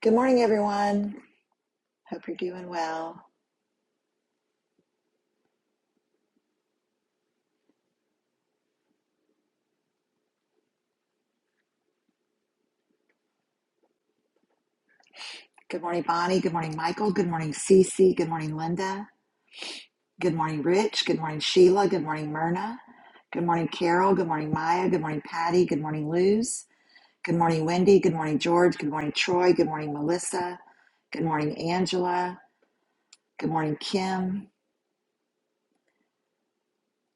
Good morning, everyone. Hope you're doing well. Good morning, Bonnie. Good morning, Michael. Good morning, Cece. Good morning, Linda. Good morning, Rich. Good morning, Sheila. Good morning, Myrna. Good morning, Carol. Good morning, Maya. Good morning, Patty. Good morning, Luz. Good morning, Wendy. Good morning, George. Good morning, Troy. Good morning, Melissa. Good morning, Angela. Good morning, Kim.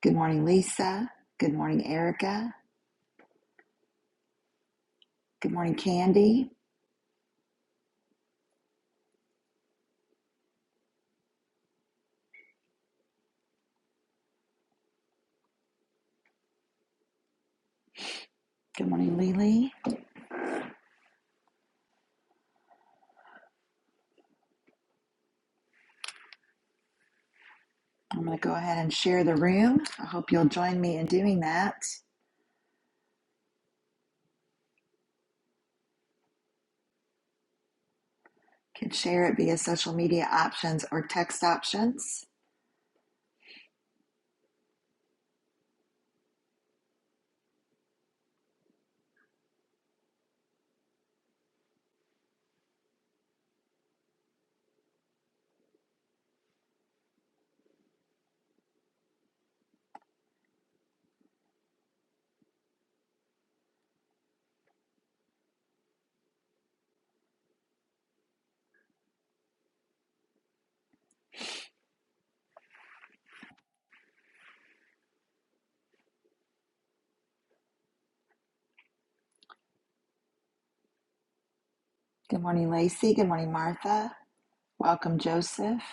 Good morning, Lisa. Good morning, Erica. Good morning, Candy. Good morning, Lily. I'm going to go ahead and share the room. I hope you'll join me in doing that. Could share it via social media options or text options. Good morning, Lacey. Good morning, Martha. Welcome, Joseph.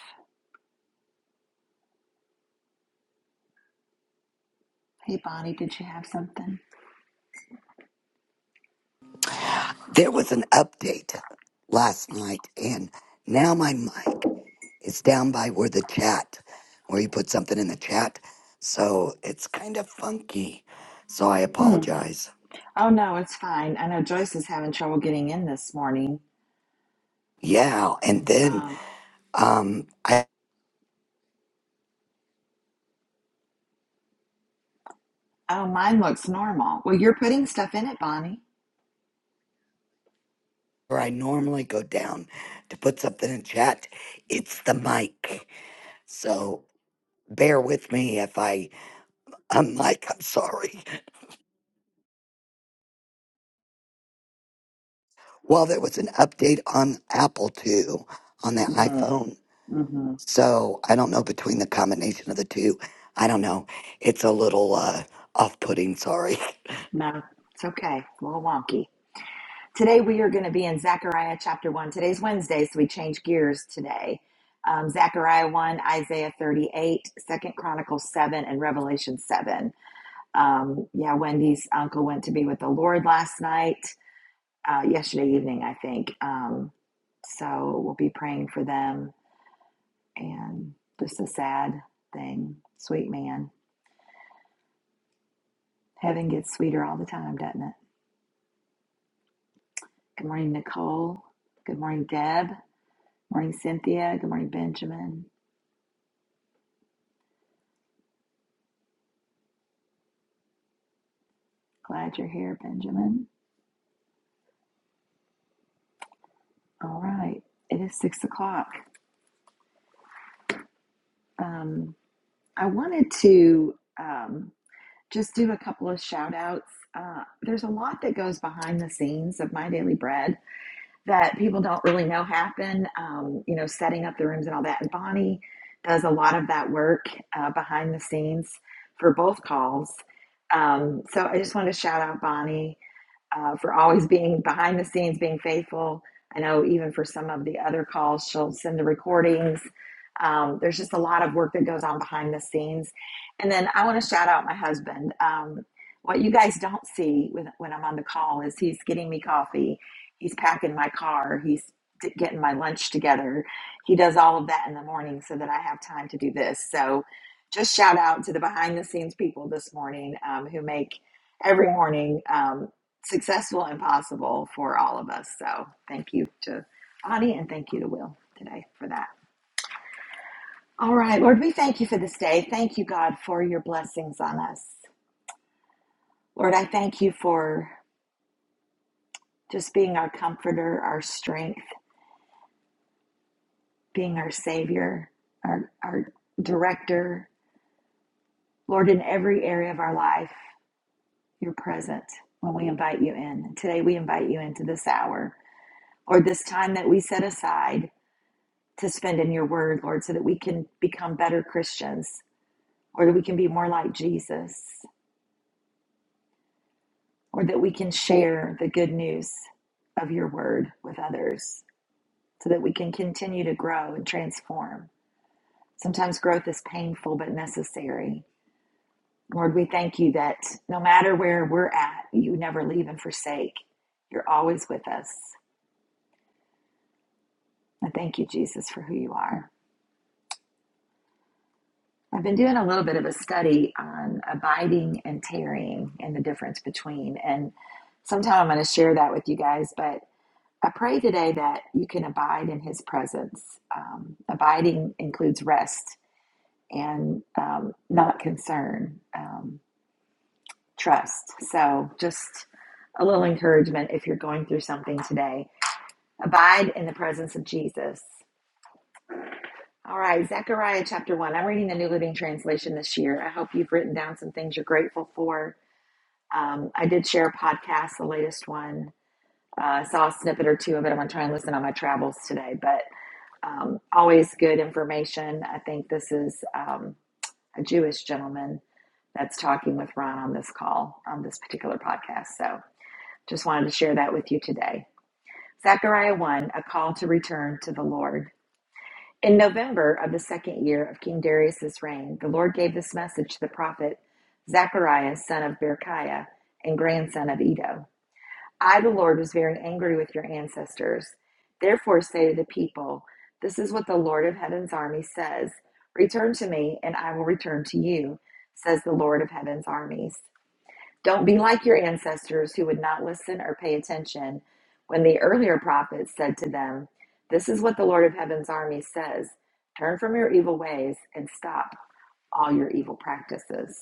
Hey, Bonnie, did you have something? There was an update last night, and now my mic is down by where the chat, where you put something in the chat. So it's kind of funky. So I Hmm. apologize. Oh, no, it's fine. I know Joyce is having trouble getting in this morning. Yeah, and then Um, um, I, oh, mine looks normal. Well, you're putting stuff in it, Bonnie. where I normally go down to put something in chat, it's the mic. So bear with me if I unmic. I'm sorry. Well, there was an update on Apple too on the Mm, iPhone hmm So I don't know between the combination of the two. I don't know. It's a little uh, off putting, sorry. No, it's okay. It's a little wonky. Today we are going to be in Zechariah chapter 1. Today's Wednesday, so we change gears today. Um, Zechariah 1, Isaiah 38, Second Chronicles 7, and Revelation 7. Um, yeah, Wendy's uncle went to be with the Lord last night, uh, yesterday evening, I think. Um, so we'll be praying for them. And just a sad thing. Sweet man. Heaven gets sweeter all the time, doesn't it? Good morning, Nicole. Good morning, Deb. Morning, Cynthia. Good morning, Benjamin. Glad you're here, Benjamin. All right. It is six o'clock. Um, I wanted to um, just do a couple of shout outs. Uh, there's a lot that goes behind the scenes of My Daily Bread that people don't really know happen, um, you know, setting up the rooms and all that. And Bonnie does a lot of that work uh, behind the scenes for both calls. Um, so I just wanted to shout out Bonnie uh, for always being behind the scenes, being faithful. I know even for some of the other calls, she'll send the recordings. Um, there's just a lot of work that goes on behind the scenes. And then I want to shout out my husband. Um, what you guys don't see with, when I'm on the call is he's getting me coffee, he's packing my car, he's t- getting my lunch together. He does all of that in the morning so that I have time to do this. So just shout out to the behind the scenes people this morning um, who make every morning. um, successful and possible for all of us. So thank you to Audie and thank you to Will today for that. All right, Lord, we thank you for this day. Thank you, God, for your blessings on us. Lord, I thank you for just being our comforter, our strength, being our savior, our, our director. Lord, in every area of our life, you're present when we invite you in. Today, we invite you into this hour or this time that we set aside to spend in your word, Lord, so that we can become better Christians or that we can be more like Jesus or that we can share the good news of your word with others so that we can continue to grow and transform. Sometimes growth is painful but necessary. Lord, we thank you that no matter where we're at, you never leave and forsake. You're always with us. I thank you, Jesus, for who you are. I've been doing a little bit of a study on abiding and tarrying and the difference between. And sometime I'm going to share that with you guys. But I pray today that you can abide in his presence. Um, abiding includes rest and um, not concern, um, trust. So just a little encouragement if you're going through something today. Abide in the presence of Jesus. All right, Zechariah chapter 1. I'm reading the New Living Translation this year. I hope you've written down some things you're grateful for. Um, I did share a podcast, the latest one. Uh, saw a snippet or two of it. I'm going to try and listen on my travels today, but um, always good information. I think this is um, a Jewish gentleman that's talking with Ron on this call, on this particular podcast. So just wanted to share that with you today. Zechariah 1, a call to return to the Lord. In November of the second year of King Darius's reign, the Lord gave this message to the prophet Zechariah, son of Berechiah and grandson of Edo. I, the Lord, was very angry with your ancestors. Therefore, say to the people, This is what the Lord of heaven's army says Return to me, and I will return to you, says the Lord of heaven's armies. Don't be like your ancestors who would not listen or pay attention when the earlier prophets said to them, This is what the Lord of Heaven's army says turn from your evil ways and stop all your evil practices.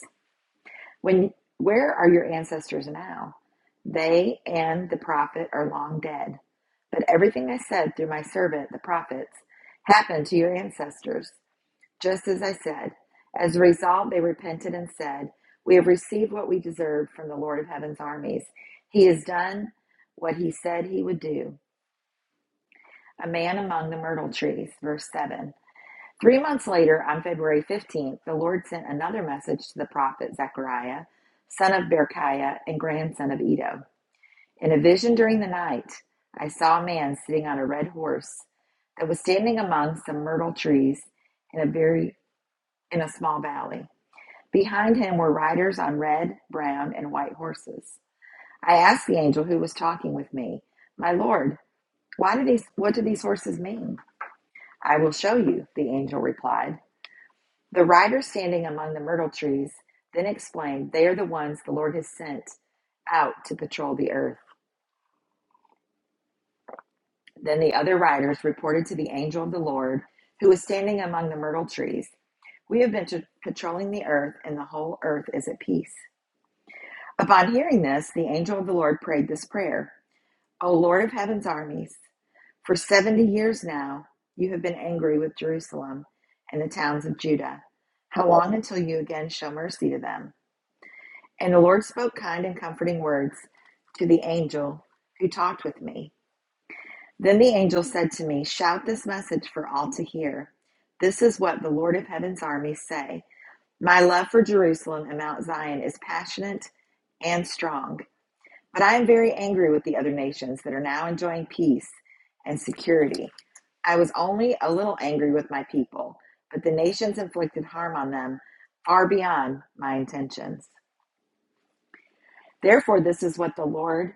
When where are your ancestors now? They and the prophet are long dead. But everything I said through my servant, the prophets, happened to your ancestors just as I said. As a result, they repented and said, We have received what we deserved from the Lord of heaven's armies. He has done what he said he would do. A man among the myrtle trees, verse 7. Three months later, on February 15th, the Lord sent another message to the prophet Zechariah, son of Berechiah and grandson of Edo. In a vision during the night, I saw a man sitting on a red horse that was standing among some myrtle trees in a very in a small valley. Behind him were riders on red, brown, and white horses. I asked the angel who was talking with me, "My lord, why do these what do these horses mean?" "I will show you," the angel replied. The riders standing among the myrtle trees then explained, "They are the ones the Lord has sent out to patrol the earth." Then the other riders reported to the angel of the Lord, who was standing among the myrtle trees, "We have been to patrolling the earth, and the whole earth is at peace." Upon hearing this, the angel of the Lord prayed this prayer. O Lord of heaven's armies, for 70 years now you have been angry with Jerusalem and the towns of Judah. How long until you again show mercy to them? And the Lord spoke kind and comforting words to the angel who talked with me. Then the angel said to me, Shout this message for all to hear. This is what the Lord of heaven's armies say My love for Jerusalem and Mount Zion is passionate and strong. But I am very angry with the other nations that are now enjoying peace and security. I was only a little angry with my people, but the nations inflicted harm on them far beyond my intentions. Therefore, this is what the Lord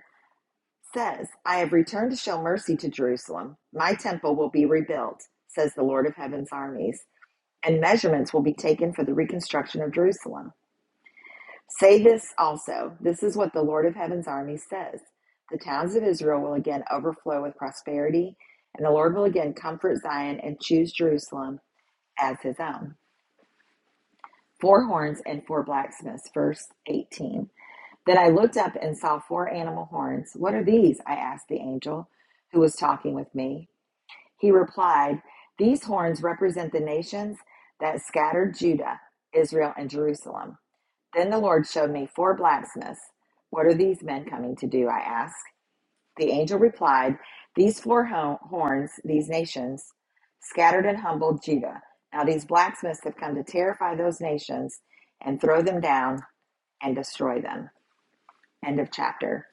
says I have returned to show mercy to Jerusalem. My temple will be rebuilt, says the Lord of heaven's armies, and measurements will be taken for the reconstruction of Jerusalem. Say this also. This is what the Lord of Heaven's army says. The towns of Israel will again overflow with prosperity, and the Lord will again comfort Zion and choose Jerusalem as his own. Four horns and four blacksmiths, verse 18. Then I looked up and saw four animal horns. What are these? I asked the angel who was talking with me. He replied, These horns represent the nations that scattered Judah, Israel, and Jerusalem. Then the Lord showed me four blacksmiths. What are these men coming to do? I asked. The angel replied, These four ho- horns, these nations, scattered and humbled Judah. Now these blacksmiths have come to terrify those nations and throw them down and destroy them. End of chapter.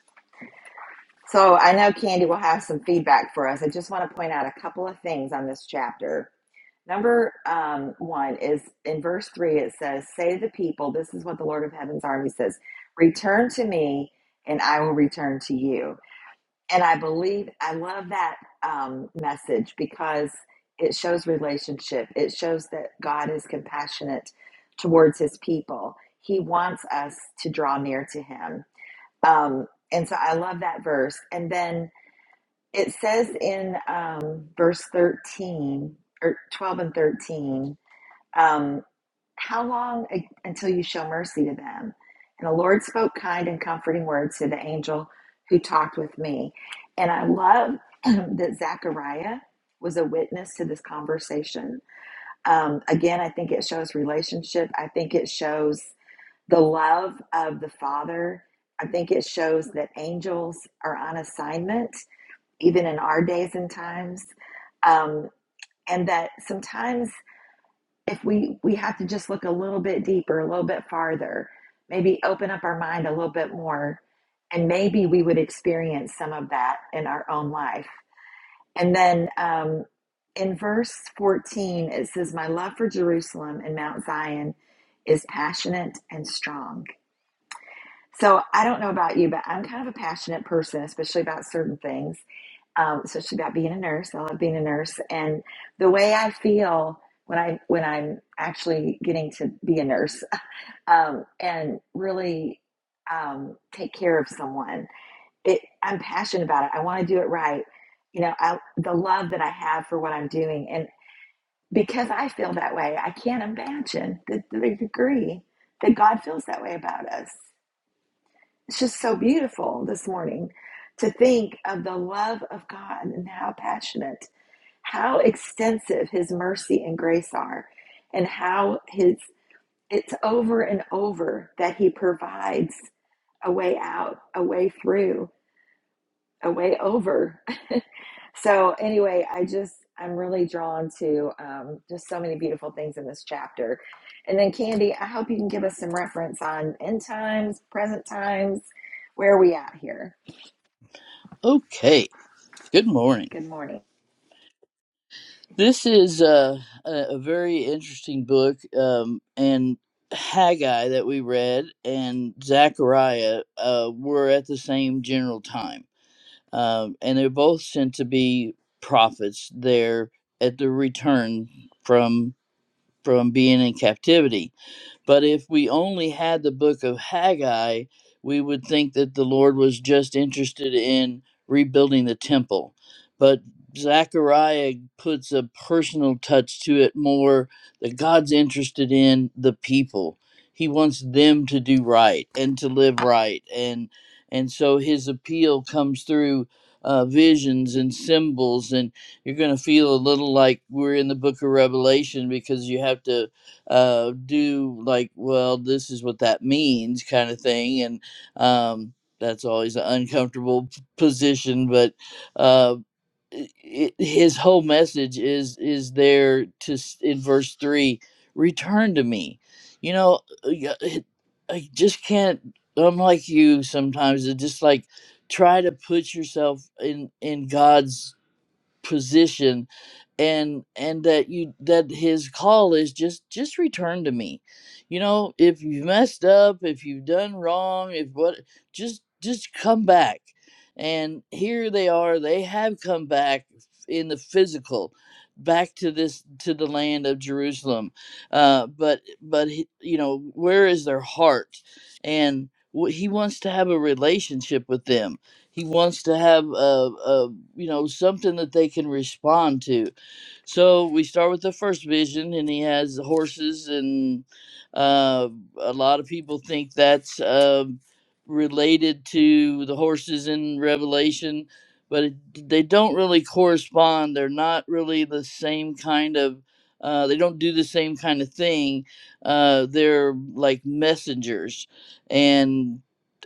So I know Candy will have some feedback for us. I just want to point out a couple of things on this chapter Number um, one is in verse three, it says, Say to the people, this is what the Lord of heaven's army says, return to me, and I will return to you. And I believe, I love that um, message because it shows relationship. It shows that God is compassionate towards his people. He wants us to draw near to him. Um, and so I love that verse. And then it says in um, verse 13 or 12 and 13, um, how long until you show mercy to them? And the Lord spoke kind and comforting words to the angel who talked with me. And I love that Zechariah was a witness to this conversation. Um, again, I think it shows relationship. I think it shows the love of the Father. I think it shows that angels are on assignment, even in our days and times. Um, and that sometimes if we we have to just look a little bit deeper a little bit farther maybe open up our mind a little bit more and maybe we would experience some of that in our own life and then um, in verse 14 it says my love for jerusalem and mount zion is passionate and strong so i don't know about you but i'm kind of a passionate person especially about certain things um, so it's about being a nurse. I love being a nurse, and the way I feel when I when I'm actually getting to be a nurse um, and really um, take care of someone, it, I'm passionate about it. I want to do it right. You know, I, the love that I have for what I'm doing, and because I feel that way, I can't imagine the, the degree that God feels that way about us. It's just so beautiful this morning to think of the love of God and how passionate how extensive his mercy and grace are and how his it's over and over that he provides a way out a way through a way over so anyway i just i'm really drawn to um, just so many beautiful things in this chapter and then candy i hope you can give us some reference on end times present times where are we at here Okay, good morning. good morning This is uh, a, a very interesting book, um, and Haggai that we read and Zechariah uh, were at the same general time, um, and they're both sent to be prophets there at the return from from being in captivity But if we only had the book of Haggai, we would think that the Lord was just interested in rebuilding the temple. But Zechariah puts a personal touch to it more that God's interested in the people. He wants them to do right and to live right. And and so his appeal comes through uh, visions and symbols and you're going to feel a little like we're in the book of revelation because you have to uh, do like, well, this is what that means kind of thing. And um, that's always an uncomfortable p- position, but uh, i i his whole message is is there to s- in verse three, return to me. You know, uh, y- I just can't. I'm like you sometimes. It just like try to put yourself in in God's position and and that you that his call is just just return to me you know if you've messed up if you've done wrong if what just just come back and here they are they have come back in the physical back to this to the land of jerusalem uh but but he- you know where is their heart and wh- he wants to have a relationship with them he wants to have a, a you know something that they can respond to so we start with the first vision and he has horses and uh, a lot of people think that's um related to the horses in revelation but it, they don't really correspond they're not really the same kind of uh, they don't do the same kind of thing uh, they're like messengers and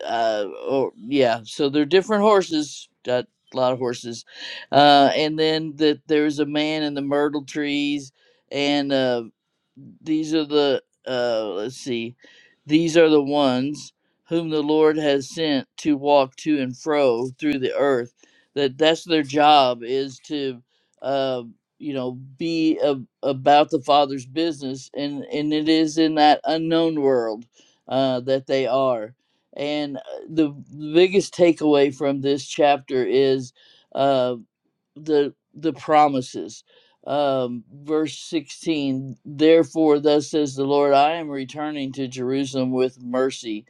uh, or yeah so they're different horses Uh, a lot of horses. Uh, and then that there's a man in the myrtle trees and uh, these are the uh let's see these are the ones whom the lord has sent to walk to and fro through the earth that that's their job is to uh you know be a, about the father's business and and it is in that unknown world uh that they are and uh, the the biggest takeaway from this chapter is uh, the the promises um verse 16 therefore thus says the lord i am returning to jerusalem with mercy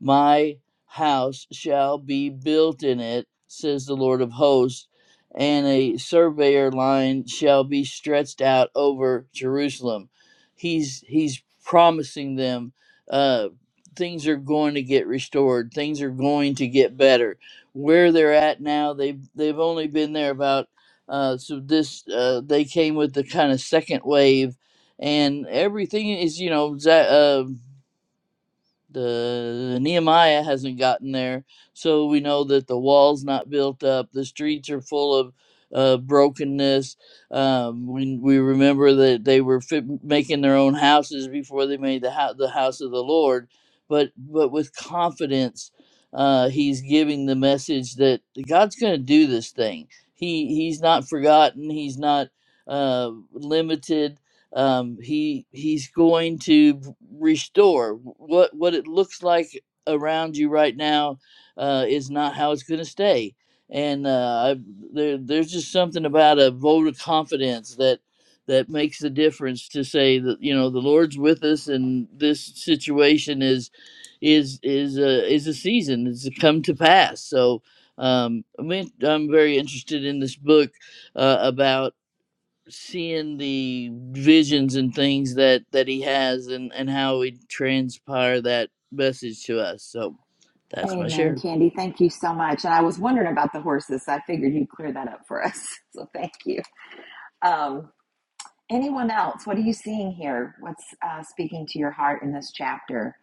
my house shall be built in it says the lord of hosts and a surveyor line shall be stretched out over jerusalem he's he's promising them uh things are going to get restored things are going to get better where they're at now they've they've only been there about uh, so this uh, they came with the kind of second wave, and everything is you know that. uh, the Nehemiah hasn't gotten there, so we know that the wall's not built up. The streets are full of uh, brokenness. Um, we we remember that they were fit, making their own houses before they made the hou- the house of the Lord, but but with confidence, uh, he's giving the message that God's going to do this thing. He he's not forgotten. He's not uh, limited um, he he's going to restore what what it looks like around you right now uh, is not how it's going to stay and uh, I, there, there's just something about a vote of confidence that that makes the difference to say that you know the lord's with us and this situation is is is a is a season it's come to pass so um, I mean, I'm very interested in this book uh, about seeing the visions and things that that he has and and how he transpire that message to us so that's my share Amen, Candy. Thank you so much. And I was wondering about the horses. So I figured you'd clear that up for us. So thank you. Um, anyone else? What are you seeing here? What's uh, speaking to your heart in this chapter?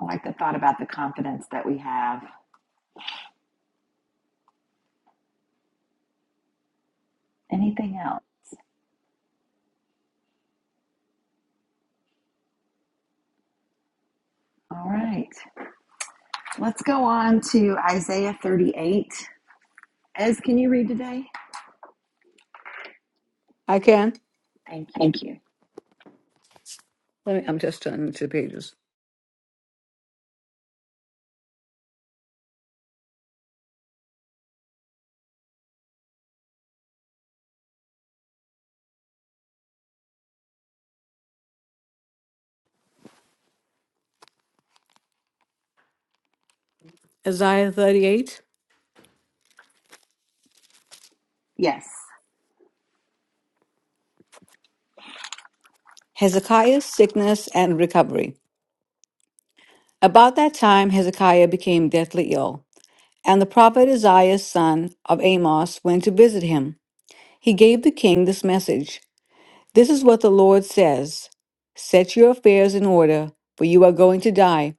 I like the thought about the confidence that we have. Anything else? All right. Let's go on to Isaiah 38. Ez, can you read today? I can. Thank Thank you. you. Let me, I'm just turning two pages. Isaiah 38 Yes. Hezekiah's sickness and recovery. About that time, Hezekiah became deathly ill, and the prophet Isaiah, son of Amos went to visit him. He gave the king this message This is what the Lord says Set your affairs in order, for you are going to die.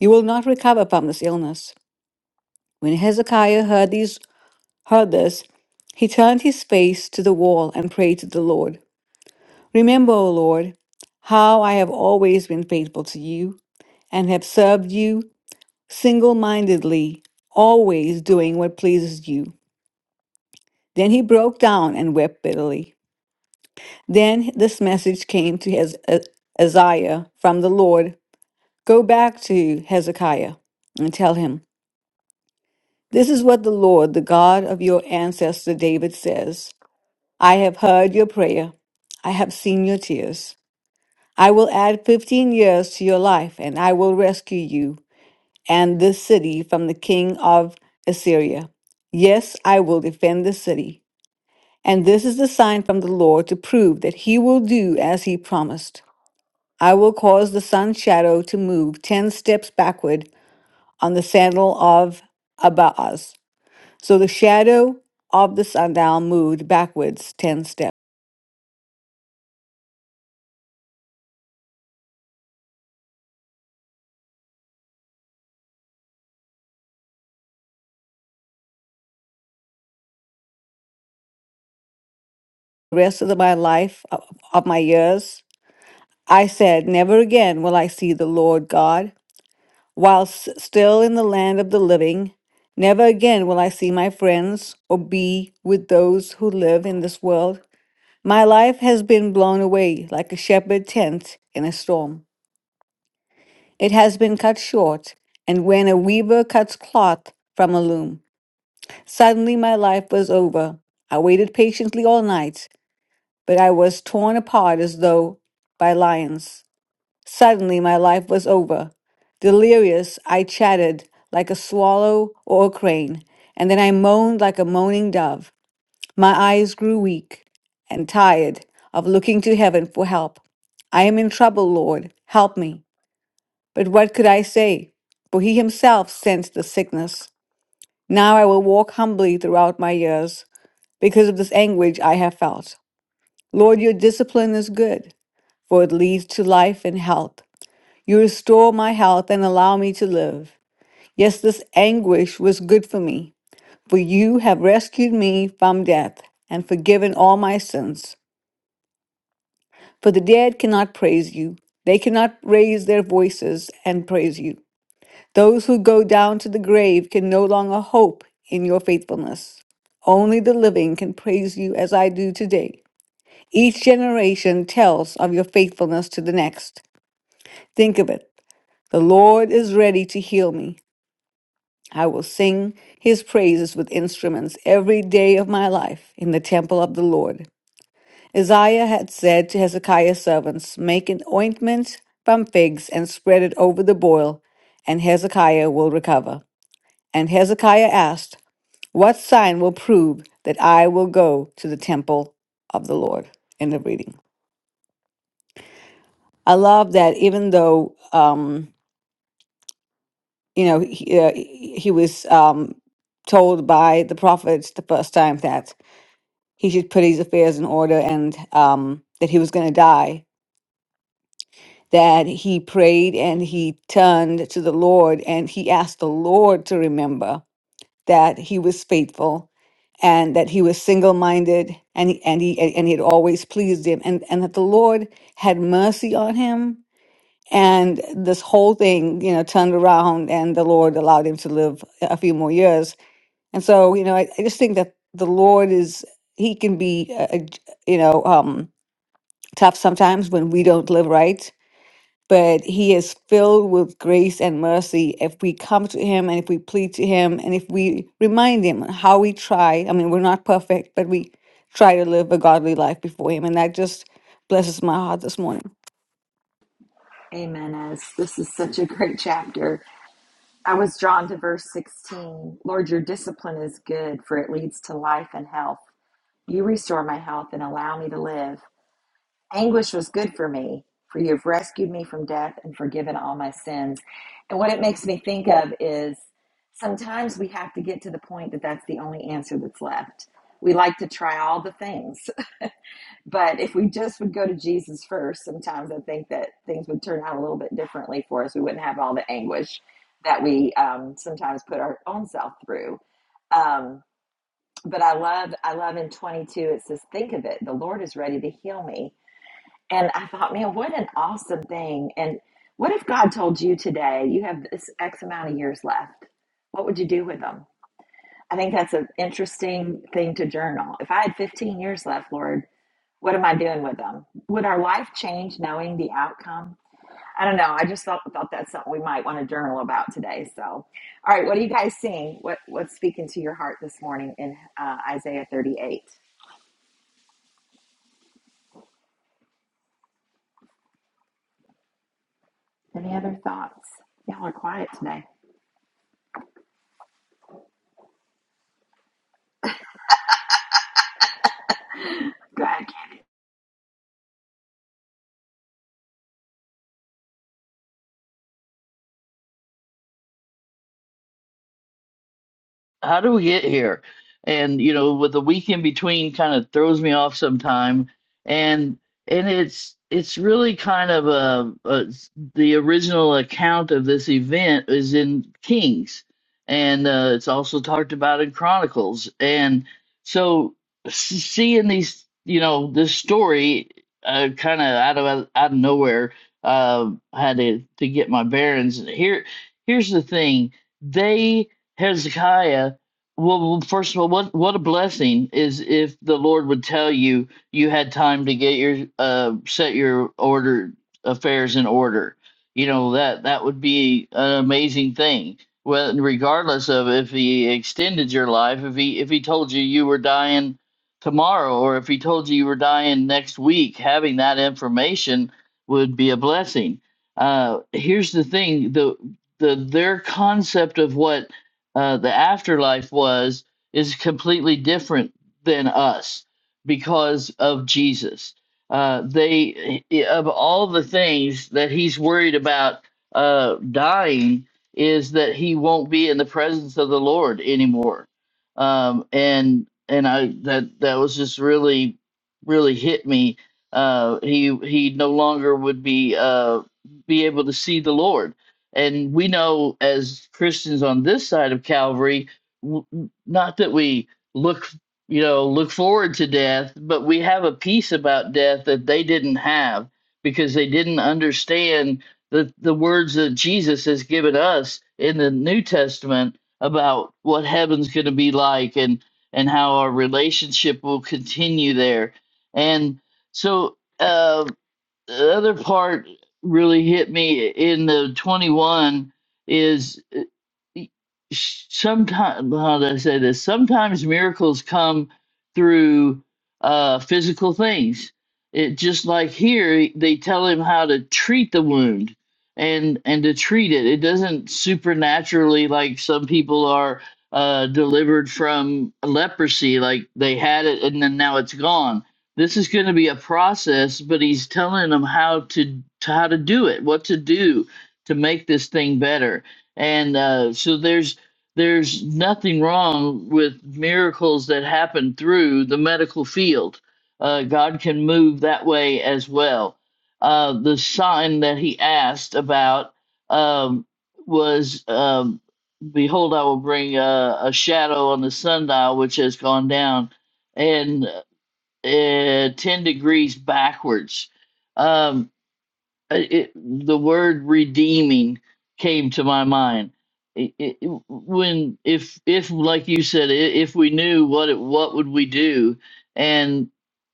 You will not recover from this illness. When Hezekiah heard, these, heard this, he turned his face to the wall and prayed to the Lord. Remember, O Lord, how I have always been faithful to you and have served you single mindedly, always doing what pleases you. Then he broke down and wept bitterly. Then this message came to Hez- uh, Isaiah from the Lord Go back to Hezekiah and tell him, This is what the Lord, the God of your ancestor David, says I have heard your prayer, I have seen your tears. I will add 15 years to your life, and I will rescue you and this city from the king of Assyria. Yes, I will defend this city. And this is the sign from the Lord to prove that he will do as he promised. I will cause the sun's shadow to move 10 steps backward on the sandal of Abaaz. So the shadow of the sundial moved backwards 10 steps. The rest of my life, of of my years, I said, Never again will I see the Lord God. whilst still in the land of the living, never again will I see my friends or be with those who live in this world. My life has been blown away like a shepherd's tent in a storm. It has been cut short, and when a weaver cuts cloth from a loom, suddenly my life was over. I waited patiently all night, but I was torn apart as though by lions. Suddenly, my life was over. Delirious, I chattered like a swallow or a crane, and then I moaned like a moaning dove. My eyes grew weak and tired of looking to heaven for help. I am in trouble, Lord. Help me. But what could I say? For he himself sensed the sickness. Now I will walk humbly throughout my years because of this anguish I have felt. Lord, your discipline is good, for it leads to life and health. You restore my health and allow me to live. Yes, this anguish was good for me, for you have rescued me from death and forgiven all my sins. For the dead cannot praise you, they cannot raise their voices and praise you. Those who go down to the grave can no longer hope in your faithfulness. Only the living can praise you as I do today. Each generation tells of your faithfulness to the next. Think of it. The Lord is ready to heal me. I will sing his praises with instruments every day of my life in the temple of the Lord. Isaiah had said to Hezekiah's servants, Make an ointment from figs and spread it over the boil, and Hezekiah will recover. And Hezekiah asked, What sign will prove that I will go to the temple of the Lord? End of reading. I love that even though, um, you know, he, uh, he was um, told by the prophets the first time that he should put his affairs in order and um, that he was going to die. That he prayed and he turned to the Lord and he asked the Lord to remember that he was faithful and that he was single minded and, he- and, he, and he had always pleased him and, and that the Lord had mercy on him. And this whole thing, you know, turned around and the Lord allowed him to live a few more years. And so, you know, I, I just think that the Lord is, he can be, a, a j- you know, um, tough sometimes when we don't live right, but He is filled with grace and mercy if we come to Him and if we plead to Him and if we remind Him how we try. I mean, we're not perfect, but we try to live a godly life before Him. And that just blesses my heart this morning. Amen, Ez. This is such a great chapter. I was drawn to verse 16. Lord, your discipline is good, for it leads to life and health. You restore my health and allow me to live. Anguish was good for me, for you have rescued me from death and forgiven all my sins. And what it makes me think of is sometimes we have to get to the point that that's the only answer that's left. We like to try all the things. But if we just would go to Jesus first, sometimes I think that things would turn out a little bit differently for us. We wouldn't have all the anguish that we um, sometimes put our own self through. Um, but I love, I love in 22, it says, Think of it, the Lord is ready to heal me. And I thought, man, what an awesome thing. And what if God told you today, you have this X amount of years left? What would you do with them? I think that's an interesting thing to journal. If I had 15 years left, Lord, what am I doing with them? Would our life change knowing the outcome? I don't know. I just thought, thought that's something we might want to journal about today. So, all right, what are you guys seeing? What what's speaking to your heart this morning in uh, Isaiah 38? Any other thoughts? Y'all are quiet today. Good. how do we get here? And you know, with the week in between kind of throws me off sometime. And and it's it's really kind of a, a the original account of this event is in Kings, and uh, it's also talked about in Chronicles. And so s- seeing these, you know, this story uh, kind of out of out of nowhere, uh, I had to to get my bearings. Here, here's the thing: they Hezekiah well, well, first of all, what what a blessing is if the Lord would tell you you had time to get your uh set your order affairs in order. You know that that would be an amazing thing. Well, regardless of if He extended your life, if He if He told you you were dying tomorrow, or if He told you you were dying next week, having that information would be a blessing. Uh, here's the thing: the the their concept of what uh, the afterlife was is completely different than us because of Jesus. Uh, they eh, eh, of all the things that he's worried about uh, dying is that he won't be in the presence of the Lord anymore. Um, and and I that that was just really really hit me. Uh, he he no longer would be uh, be able to see the Lord and we know as Christians on this side of Calvary, w- not that we look, you know, look forward to death, but we have a peace about death that they didn't have because they didn't understand the, the words that Jesus has given us in the New Testament about what heaven's going to be like and and how our relationship will continue there. And so uh, the other part really hit me in the 21 is sometimes how do I say this? Sometimes miracles come through uh, physical things. It just like here, they tell him how to treat the wound and and to treat it. It doesn't supernaturally like some people are uh, delivered from leprosy, like they had it and then now it's gone. This is going to be a process, but he's telling them how to how to do it, what to do to make this thing better and uh, so there's there's nothing wrong with miracles that happen through the medical field. Uh, God can move that way as well. Uh, the sign that he asked about um, was, um, "Behold, I will bring a, a shadow on the sundial which has gone down, and uh, ten degrees backwards." Um, uh, it, the word redeeming came to my mind I- I- when if if like you said i- if we knew what it, what would we do and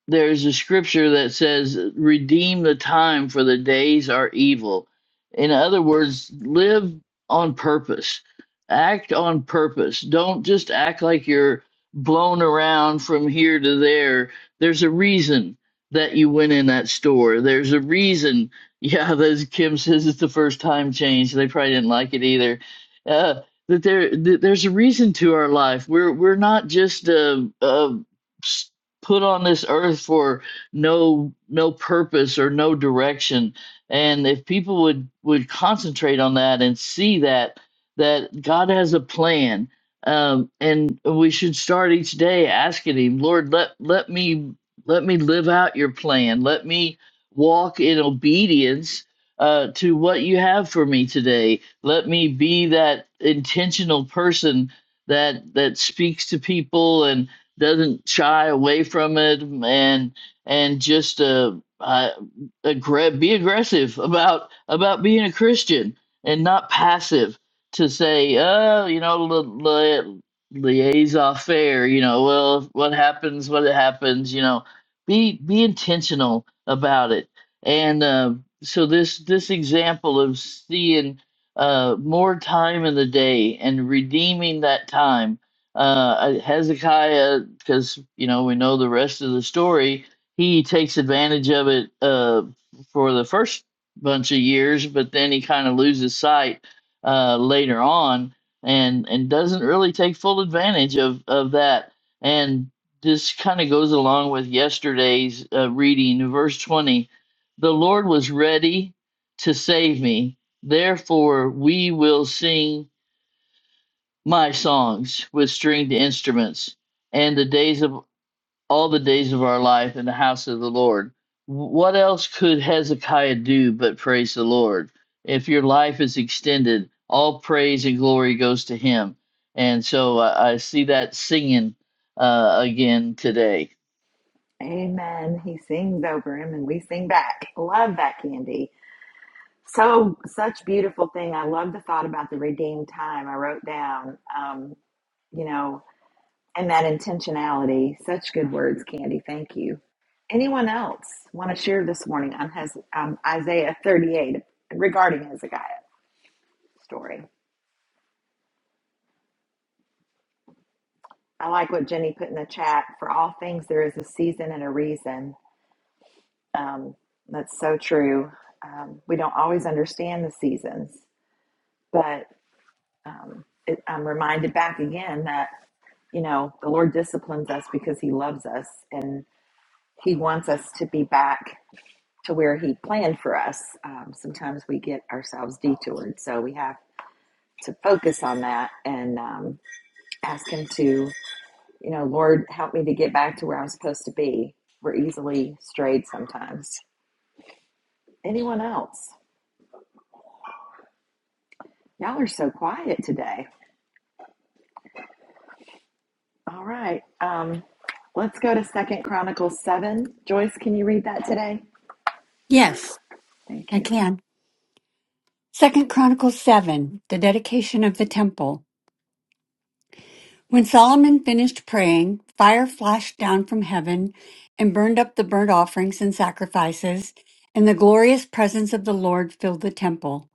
there's a scripture that says redeem the time for the days are evil in other words live on purpose act on purpose don't just act like you're blown around from here to there there's a reason that you went in that store there's a reason yeah, that's Kim says it's the first time change. They probably didn't like it either. Uh, that there, that there's a reason to our life. We're we're not just uh, uh, s- put on this earth for no no purpose or no direction. And if people would would concentrate on that and see that that God has a plan, um, and we should start each day asking Him, Lord, let let me let me live out Your plan. Let me walk in obedience uh, to what you have for me today. Let me be that intentional person that that speaks to people and doesn't shy away from it and and just uh, uh aggra- be aggressive about about being a Christian and not passive to say, oh, you know, li- li- liaison fair, you know, well, what happens, what happens, you know, be be intentional about it. And uh, so this this example of seeing uh, more time in the day and redeeming that time, uh, uh, Hezekiah, because you know we know the rest of the story, he takes advantage of it uh, for the first bunch of years, but then he kind of loses sight uh, later on, and and doesn't really take full advantage of of that. and this kind of goes along with yesterday's uh, reading, verse 20. The Lord was ready to save me, therefore, we will sing my songs with stringed instruments and the days of all the days of our life in the house of the Lord. What else could Hezekiah do but praise the Lord? If your life is extended, all praise and glory goes to him. And so I, I see that singing uh, again today. Amen. He sings over him and we sing back. Love that candy. So such beautiful thing. I love the thought about the redeemed time. I wrote down, um, you know, and that intentionality. Such good words, Candy. Thank you. Anyone else want to share this morning on Hez- um, Isaiah 38 regarding Hezekiah story? I like what Jenny put in the chat. For all things, there is a season and a reason. Um, that's so true. Um, we don't always understand the seasons, but um, it, I'm reminded back again that, you know, the Lord disciplines us because he loves us and he wants us to be back to where He planned for us. Um, sometimes we get ourselves detoured, so we have to focus on that and um, ask Him to, you know, Lord, help me to get back to where I'm supposed to be. We're easily strayed sometimes. Anyone else? Y'all are so quiet today. All right, um, let's go to Second Chronicles seven. Joyce, can you read that today? Yes, Thank I you. can. Second Chronicles 7, the dedication of the temple. When Solomon finished praying, fire flashed down from heaven and burned up the burnt offerings and sacrifices, and the glorious presence of the Lord filled the temple.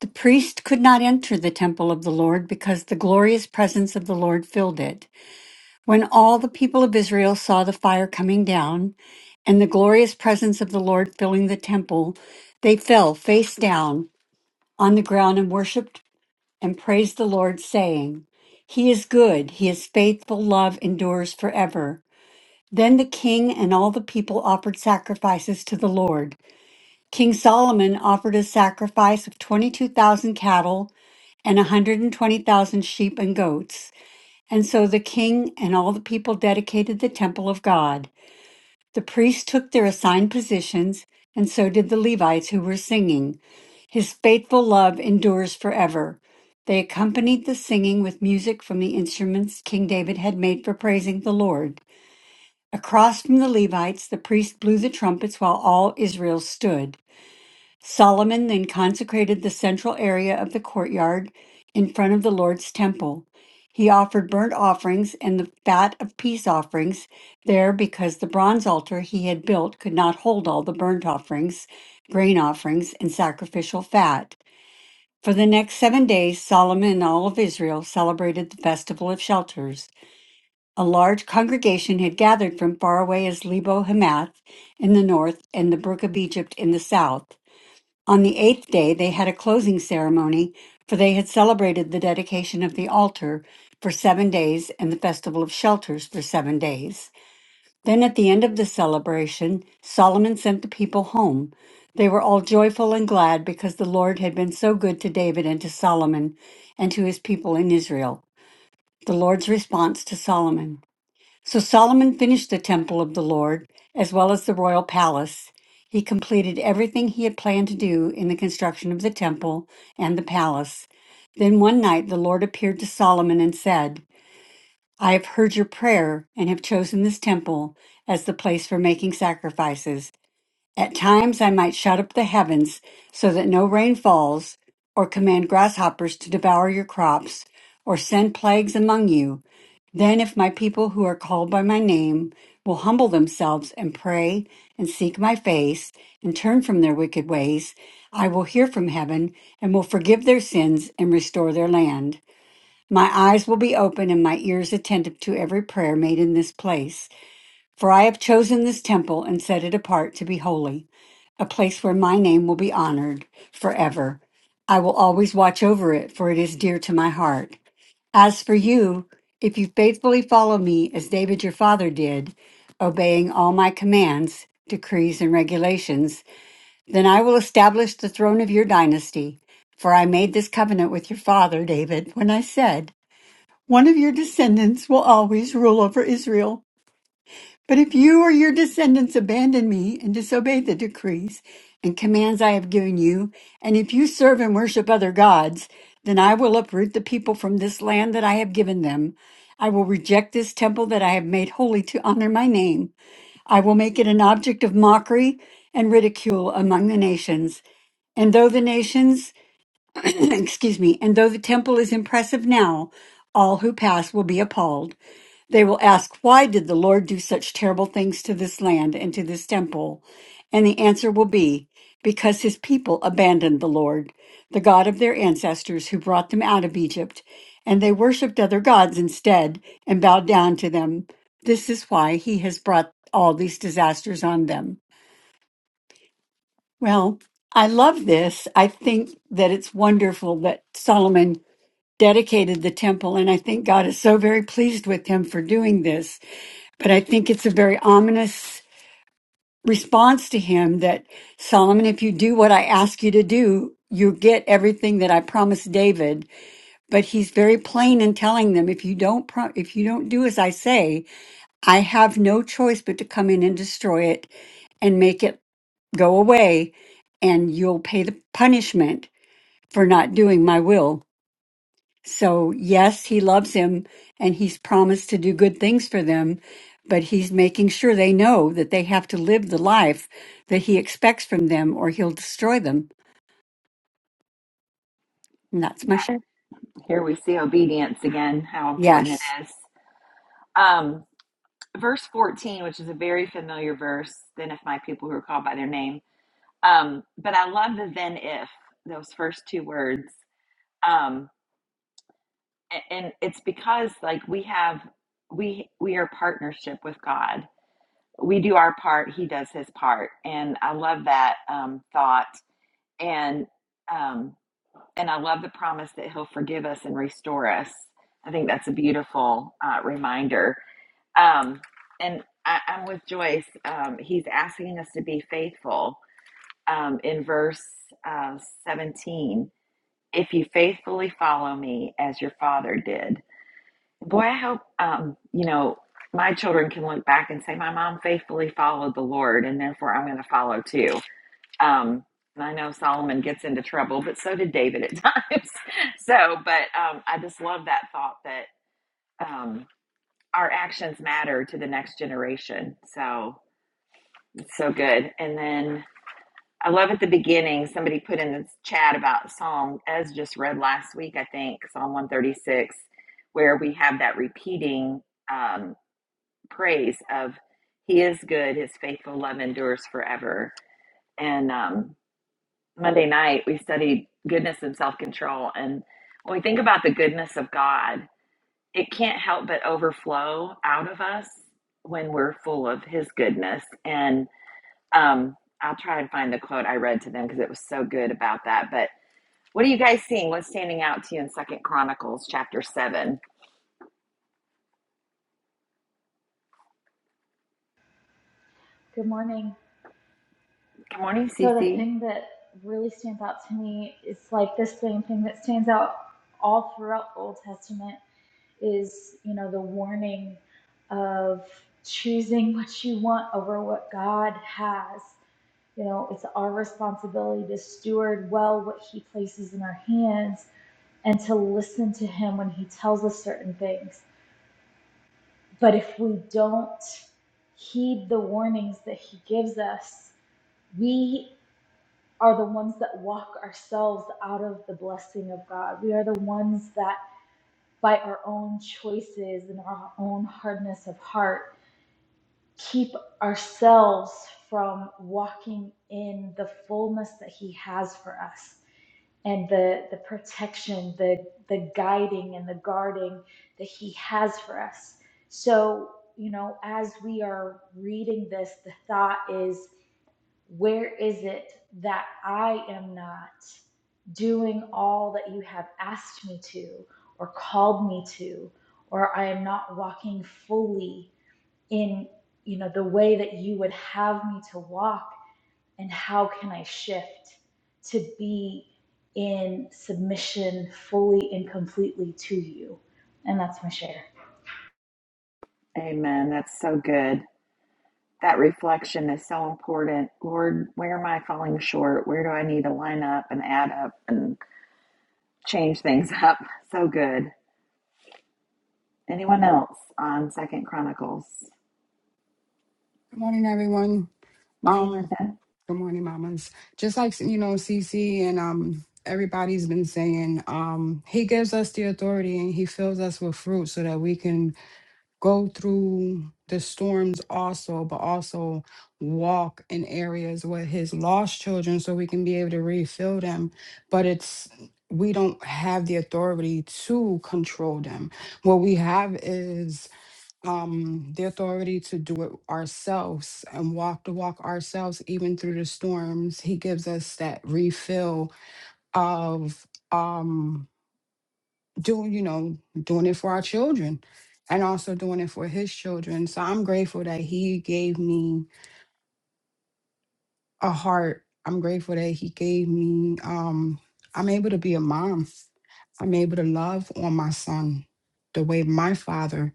The priest could not enter the temple of the Lord because the glorious presence of the Lord filled it. When all the people of Israel saw the fire coming down and the glorious presence of the Lord filling the temple, they fell face down on the ground and worshiped and praised the Lord, saying, He is good, He is faithful, love endures forever. Then the king and all the people offered sacrifices to the Lord. King Solomon offered a sacrifice of 22,000 cattle and a 120,000 sheep and goats. And so the king and all the people dedicated the temple of God. The priests took their assigned positions, and so did the Levites who were singing. His faithful love endures forever. They accompanied the singing with music from the instruments King David had made for praising the Lord. Across from the Levites, the priests blew the trumpets while all Israel stood. Solomon then consecrated the central area of the courtyard in front of the Lord's temple. He offered burnt offerings and the fat of peace offerings there because the bronze altar he had built could not hold all the burnt offerings, grain offerings, and sacrificial fat. For the next seven days, Solomon and all of Israel celebrated the Festival of Shelters. A large congregation had gathered from far away as Lebo Hamath in the north and the Brook of Egypt in the south. On the eighth day, they had a closing ceremony, for they had celebrated the dedication of the altar for seven days and the festival of shelters for seven days. Then at the end of the celebration, Solomon sent the people home. They were all joyful and glad because the Lord had been so good to David and to Solomon and to his people in Israel. The Lord's response to Solomon. So Solomon finished the temple of the Lord, as well as the royal palace. He completed everything he had planned to do in the construction of the temple and the palace. Then one night the Lord appeared to Solomon and said, I have heard your prayer and have chosen this temple as the place for making sacrifices. At times I might shut up the heavens so that no rain falls, or command grasshoppers to devour your crops, or send plagues among you. Then, if my people who are called by my name will humble themselves and pray and seek my face and turn from their wicked ways, I will hear from heaven and will forgive their sins and restore their land. My eyes will be open and my ears attentive to every prayer made in this place. For I have chosen this temple and set it apart to be holy, a place where my name will be honored forever. I will always watch over it, for it is dear to my heart. As for you, if you faithfully follow me as David your father did, obeying all my commands, decrees, and regulations, then I will establish the throne of your dynasty. For I made this covenant with your father, David, when I said, One of your descendants will always rule over Israel. But if you or your descendants abandon me and disobey the decrees and commands I have given you, and if you serve and worship other gods, then I will uproot the people from this land that I have given them. I will reject this temple that I have made holy to honor my name. I will make it an object of mockery and ridicule among the nations. And though the nations, excuse me, and though the temple is impressive now, all who pass will be appalled. They will ask, Why did the Lord do such terrible things to this land and to this temple? And the answer will be, Because his people abandoned the Lord, the God of their ancestors who brought them out of Egypt, and they worshiped other gods instead and bowed down to them. This is why he has brought all these disasters on them. Well, I love this. I think that it's wonderful that Solomon dedicated the temple, and I think God is so very pleased with him for doing this but I think it's a very ominous response to him that Solomon, if you do what I ask you to do, you get everything that I promised David. But he's very plain in telling them, if you don't, pro- if you don't do as I say, I have no choice but to come in and destroy it and make it go away and you'll pay the punishment for not doing my will. So, yes, he loves him and he's promised to do good things for them, but he's making sure they know that they have to live the life that he expects from them or he'll destroy them. And that's Yeah. my share. Here we see obedience again, how important it Yes. is. Um, verse 14, which is a very familiar verse, then if my people who are called by their name. Um, but I love the then if, those first two words. Um, a- and it's because like we have we we are partnership with God. We do our part, he does his part. And I love that um thought and um and I love the promise that he'll forgive us and restore us. I think that's a beautiful uh, reminder Um, and I, I'm with Joyce. Um, he's asking us to be faithful um, in verse uh, 17. If you faithfully follow me as your father did. Boy, I hope, um, you know, my children can look back and say, my mom faithfully followed the Lord, and therefore I'm going to follow too. Um, and I know Solomon gets into trouble, but so did David at times. so, but um, I just love that thought that. Um, our actions matter to the next generation. So it's so good. And then I love at the beginning, somebody put in the chat about Psalm, as just read last week, I think, Psalm 136, where we have that repeating um, praise of He is good, His faithful love endures forever. And um, Monday night, we studied goodness and self control. And when we think about the goodness of God, it can't help but overflow out of us when we're full of his goodness and um i'll try and find the quote i read to them because it was so good about that but what are you guys seeing what's standing out to you in second chronicles chapter 7 Good morning. good morning So the Cece. thing that really stands out to me is like this same thing that stands out all throughout the Old Testament is, you know, the warning of choosing what you want over what God has. You know, it's our responsibility to steward well what he places in our hands and to listen to him when he tells us certain things. But if we don't heed the warnings that he gives us, we are the ones that walk ourselves out of the blessing of God. We are the ones that, by our own choices and our own hardness of heart, keep ourselves from walking in the fullness that He has for us and the, the protection, the, the guiding, and the guarding that He has for us. So, you know, as we are reading this, the thought is where is it that I am not doing all that you have asked me to or called me to, or I am not walking fully in, you know, the way that you would have me to walk? And how can I shift to be in submission fully and completely to you? And that's my share. amen that's so good that reflection is so important lord where am i falling short where do i need to line up and add up and change things up so good anyone else on second chronicles Good morning, everyone. morning Um, linda good morning, mamas. Just like you know, Cece and um everybody's been saying, um, he gives us the authority and he fills us with fruit so that we can go through the storms also, but also walk in areas with his lost children so we can be able to refill them. But it's we don't have the authority to control them. What we have is um, the authority to do it ourselves and walk the walk ourselves, even through the storms. He gives us that refill of um, doing, you know, doing it for our children and also doing it for his children. So I'm grateful that he gave me a heart. I'm grateful that he gave me, um, I'm able to be a mom. I'm able to love on my son the way my father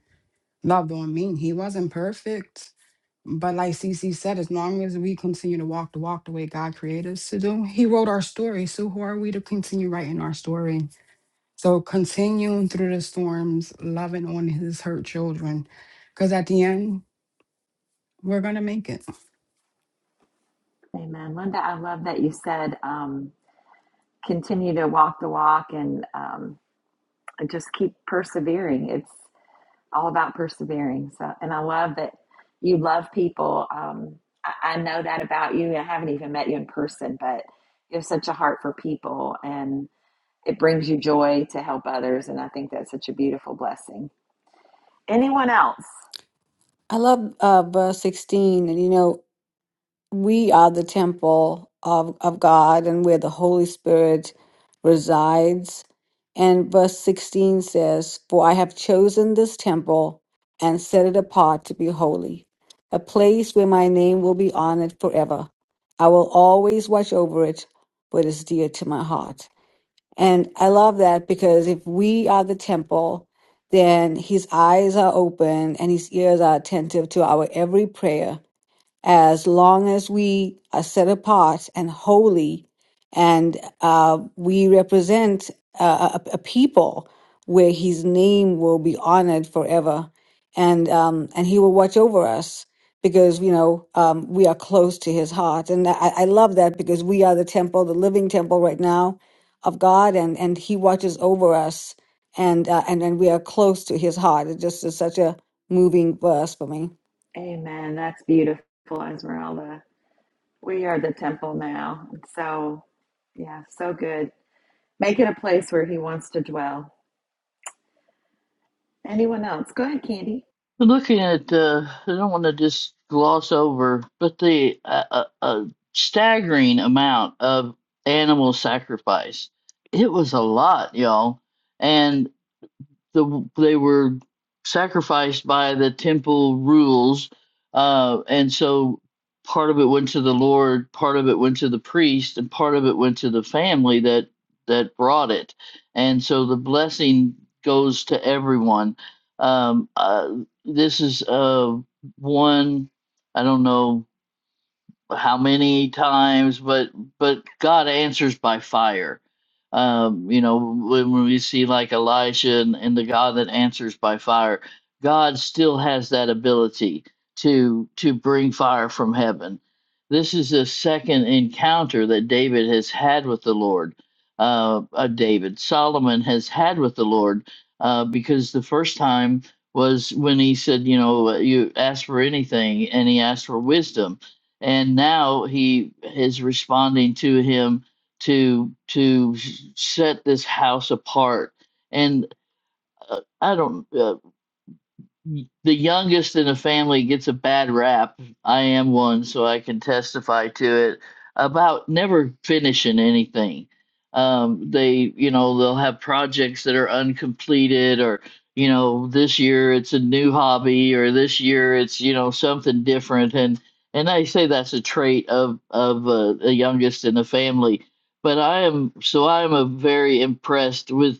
loved on me. He wasn't perfect But like CC said, as long as we continue to walk the walk the way God created us to do, He wrote our story. So who are we to continue writing our story? So continuing through the storms, loving on His hurt children, because at the end, we're gonna make it. Amen. Linda, I love that you said um, continue to walk the walk and um, just keep persevering. It's all about persevering. So, and I love that you love people. Um, I, I know that about you. I haven't even met you in person, but you have such a heart for people and it brings you joy to help others. And I think that's such a beautiful blessing. Anyone else? I love uh, verse 16. And you know, we are the temple of, of God and where the Holy Spirit resides. And verse 16 says, For I have chosen this temple and set it apart to be holy, a place where my name will be honored forever. I will always watch over it, for it is dear to my heart. And I love that because if we are the temple, then his eyes are open and his ears are attentive to our every prayer as long as we are set apart and holy and uh, we represent uh, a, a people where his name will be honored forever and um, and he will watch over us because you know um, we are close to his heart and I, I love that because we are the temple the living temple right now of god and and he watches over us and uh, and and we are close to his heart it just is such a moving verse for me Amen. That's beautiful, Esmeralda. We are the temple now. So, yeah, so good. Make it a place where he wants to dwell. Anyone else? Go ahead, Candy. Looking at the, I don't want to just gloss over, but the uh, uh, uh, staggering amount of animal sacrifice. It was a lot, y'all. and the, they were sacrificed by the temple rules, uh, and so part of it went to the Lord, part of it went to the priest, and part of it went to the family that that brought it, and so the blessing goes to everyone. Um, uh, this is uh, one. I don't know how many times but but god answers by fire um you know when when we see like elijah and, and the god that answers by fire god still has that ability to to bring fire from heaven this is the second encounter that david has had with the lord uh, uh david solomon has had with the lord uh because the first time was when he said you know you ask for anything and he asked for wisdom and now he is responding to him to to set this house apart and uh, i don't Uh, the youngest in the family gets a bad rap. I am one, so I can testify to it about never finishing anything. Um, they, you know, they'll have projects that are uncompleted, or you know, this year it's a new hobby, or this year it's you know something different, and and I say that's a trait of of uh, the youngest in the family. But I am so I am a very impressed with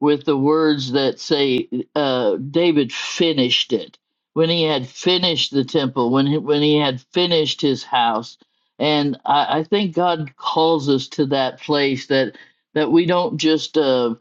with the words that say uh, David finished it when he had finished the temple, when he, when he had finished his house, and I, I think God calls us to that place that that we don't just uh,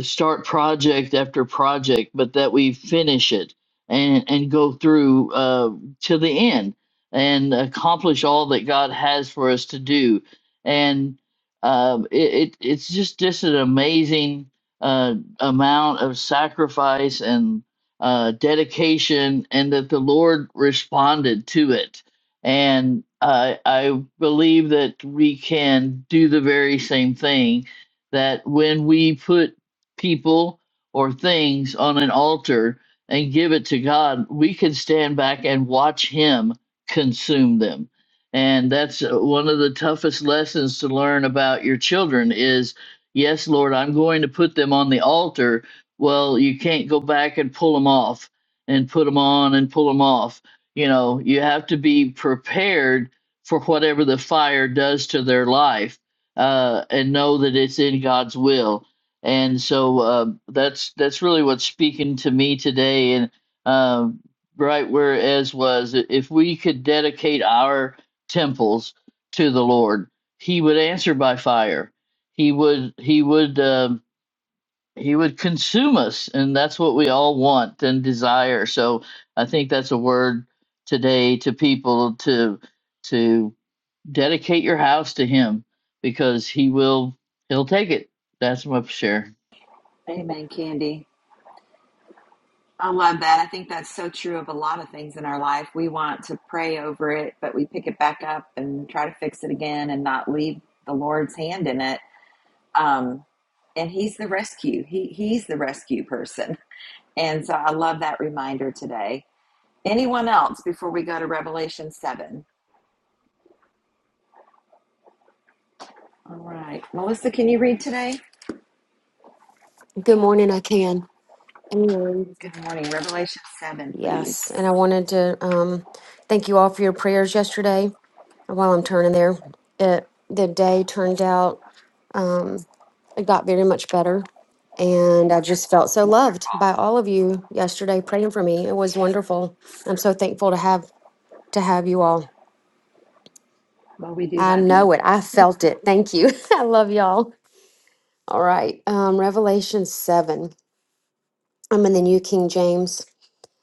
start project after project, but that we finish it and and go through uh, to the end and accomplish all that God has for us to do, and um, it, it it's just just an amazing. uh, amount of sacrifice and uh, dedication, and that the Lord responded to it. And I I believe that we can do the very same thing that when we put people or things on an altar and give it to God, we can stand back and watch Him consume them. And that's uh, one of the toughest lessons to learn about your children is Yes, Lord, I'm going to put them on the altar. Well, you can't go back and pull them off and put them on and pull them off. You know, you have to be prepared for whatever the fire does to their life uh, and know that it's in God's will. And so uh, that's that's really what's speaking to me today. And um right where Ez was, if we could dedicate our temples to the Lord, He would answer by fire he would he would um, he would consume us and that's what we all want and desire so i think that's a word today to people to to dedicate your house to him because he will he'll take it that's my share Amen, Candy. I love that. I think that's so true of a lot of things in our life. We want to pray over it, but we pick it back up and try to fix it again and not leave the Lord's hand in it. Um, and He's the rescue. He He's the rescue person. And so I love that reminder today. Anyone else before we go to Revelation seven? All right, Melissa, can you read today? Good morning, I can. Anyways, Good morning, Revelation seven, please. yes, and I wanted to um, thank you all for your prayers yesterday. While I'm turning there, it, the day turned out um, it got very much better, and I just felt so loved by all of you yesterday praying for me. It was wonderful. I'm so thankful to have to have you all. Well, we do I love you. know it. I felt it. Thank you. I love y'all. All right, um, Revelation seven. I'm in the New King James.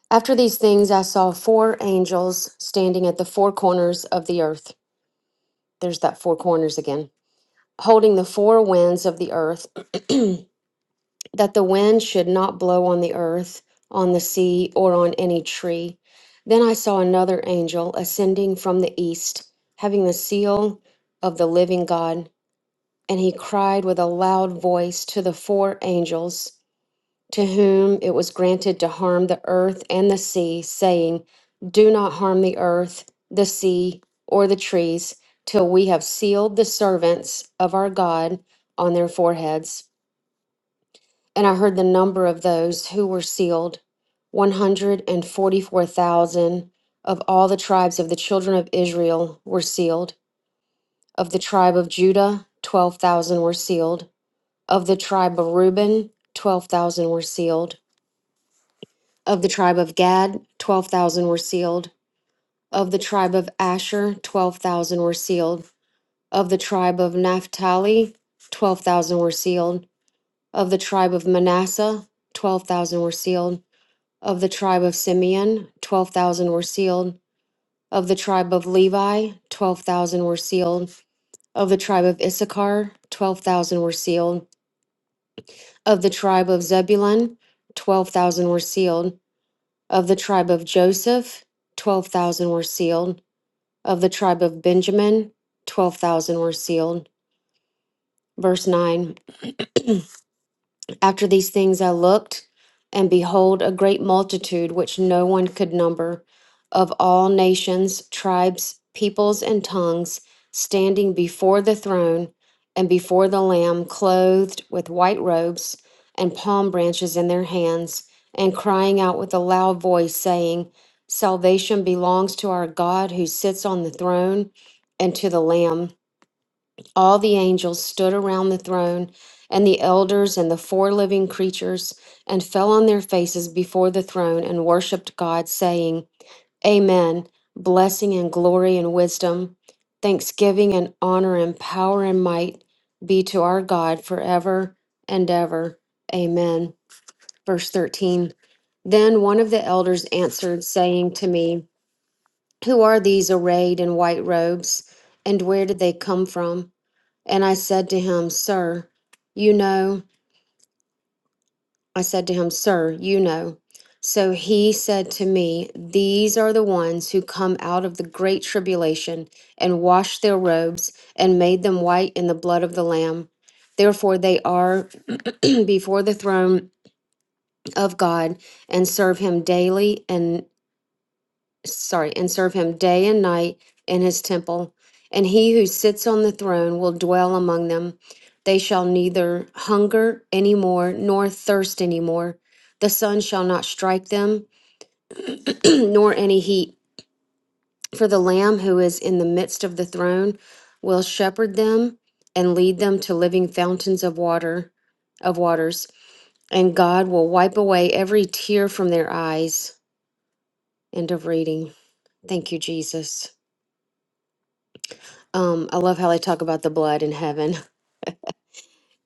After these things, I saw four angels standing at the four corners of the earth. There's that four corners again, holding the four winds of the earth, that the wind should not blow on the earth, on the sea, or on any tree. Then I saw another angel ascending from the east, having the seal of the living God, and he cried with a loud voice to the four angels. to whom it was granted to harm the earth and the sea, saying, Do not harm the earth, the sea, or the trees, till we have sealed the servants of our God on their foreheads. And I heard the number of those who were sealed 144,000 of all the tribes of the children of Israel were sealed. Of the tribe of Judah, 12,000 were sealed. Of the tribe of Reuben, 12,000 were sealed Of the tribe of Gad, 12,000 were sealed. Of the tribe of Asher, 12,000 were sealed. Of the tribe of Naphtali, 12,000 were sealed. Of the tribe of Manasseh, 12,000 were sealed. Of the tribe of Simeon, 12,000 were sealed. Of the tribe of Levi, 12,000 were sealed. Of the tribe of Issachar, 12,000 were sealed. Of the tribe of Zebulun, 12,000 were sealed Of the tribe of Joseph, 12,000 were sealed. Of the tribe of Benjamin, 12,000 were sealed. Verse 9 After these things I looked, and behold, a great multitude which no one could number, of all nations, tribes, peoples, and tongues, standing before the throne and before the Lamb, clothed with white robes and palm branches in their hands, and crying out with a loud voice, saying, Salvation belongs to our God who sits on the throne and to the Lamb. All the angels stood around the throne, and the elders and the four living creatures, and fell on their faces before the throne and worshiped God, saying, Amen. Blessing and glory and wisdom, thanksgiving and honor and power and might be to our God forever and ever. Amen. Verse 13 Then one of the elders answered, saying to me, Who are these arrayed in white robes, and where did they come from? And I said to him, Sir, you know, I said to him, Sir, you know. So he said to me, These are the ones who come out of the great tribulation and washed their robes and made them white in the blood of the Lamb. Therefore, they are before the throne of God and serve him daily and." sorry, and serve him day and night in his temple. And he who sits on the throne will dwell among them. They shall neither hunger any more nor thirst any more. The sun shall not strike them, nor any heat. For the Lamb who is in the midst of the throne will shepherd them and lead them to living fountains of water, of waters. And God will wipe away every tear from their eyes. End of reading. Thank you, Jesus. Um, I love how they talk about the blood in heaven,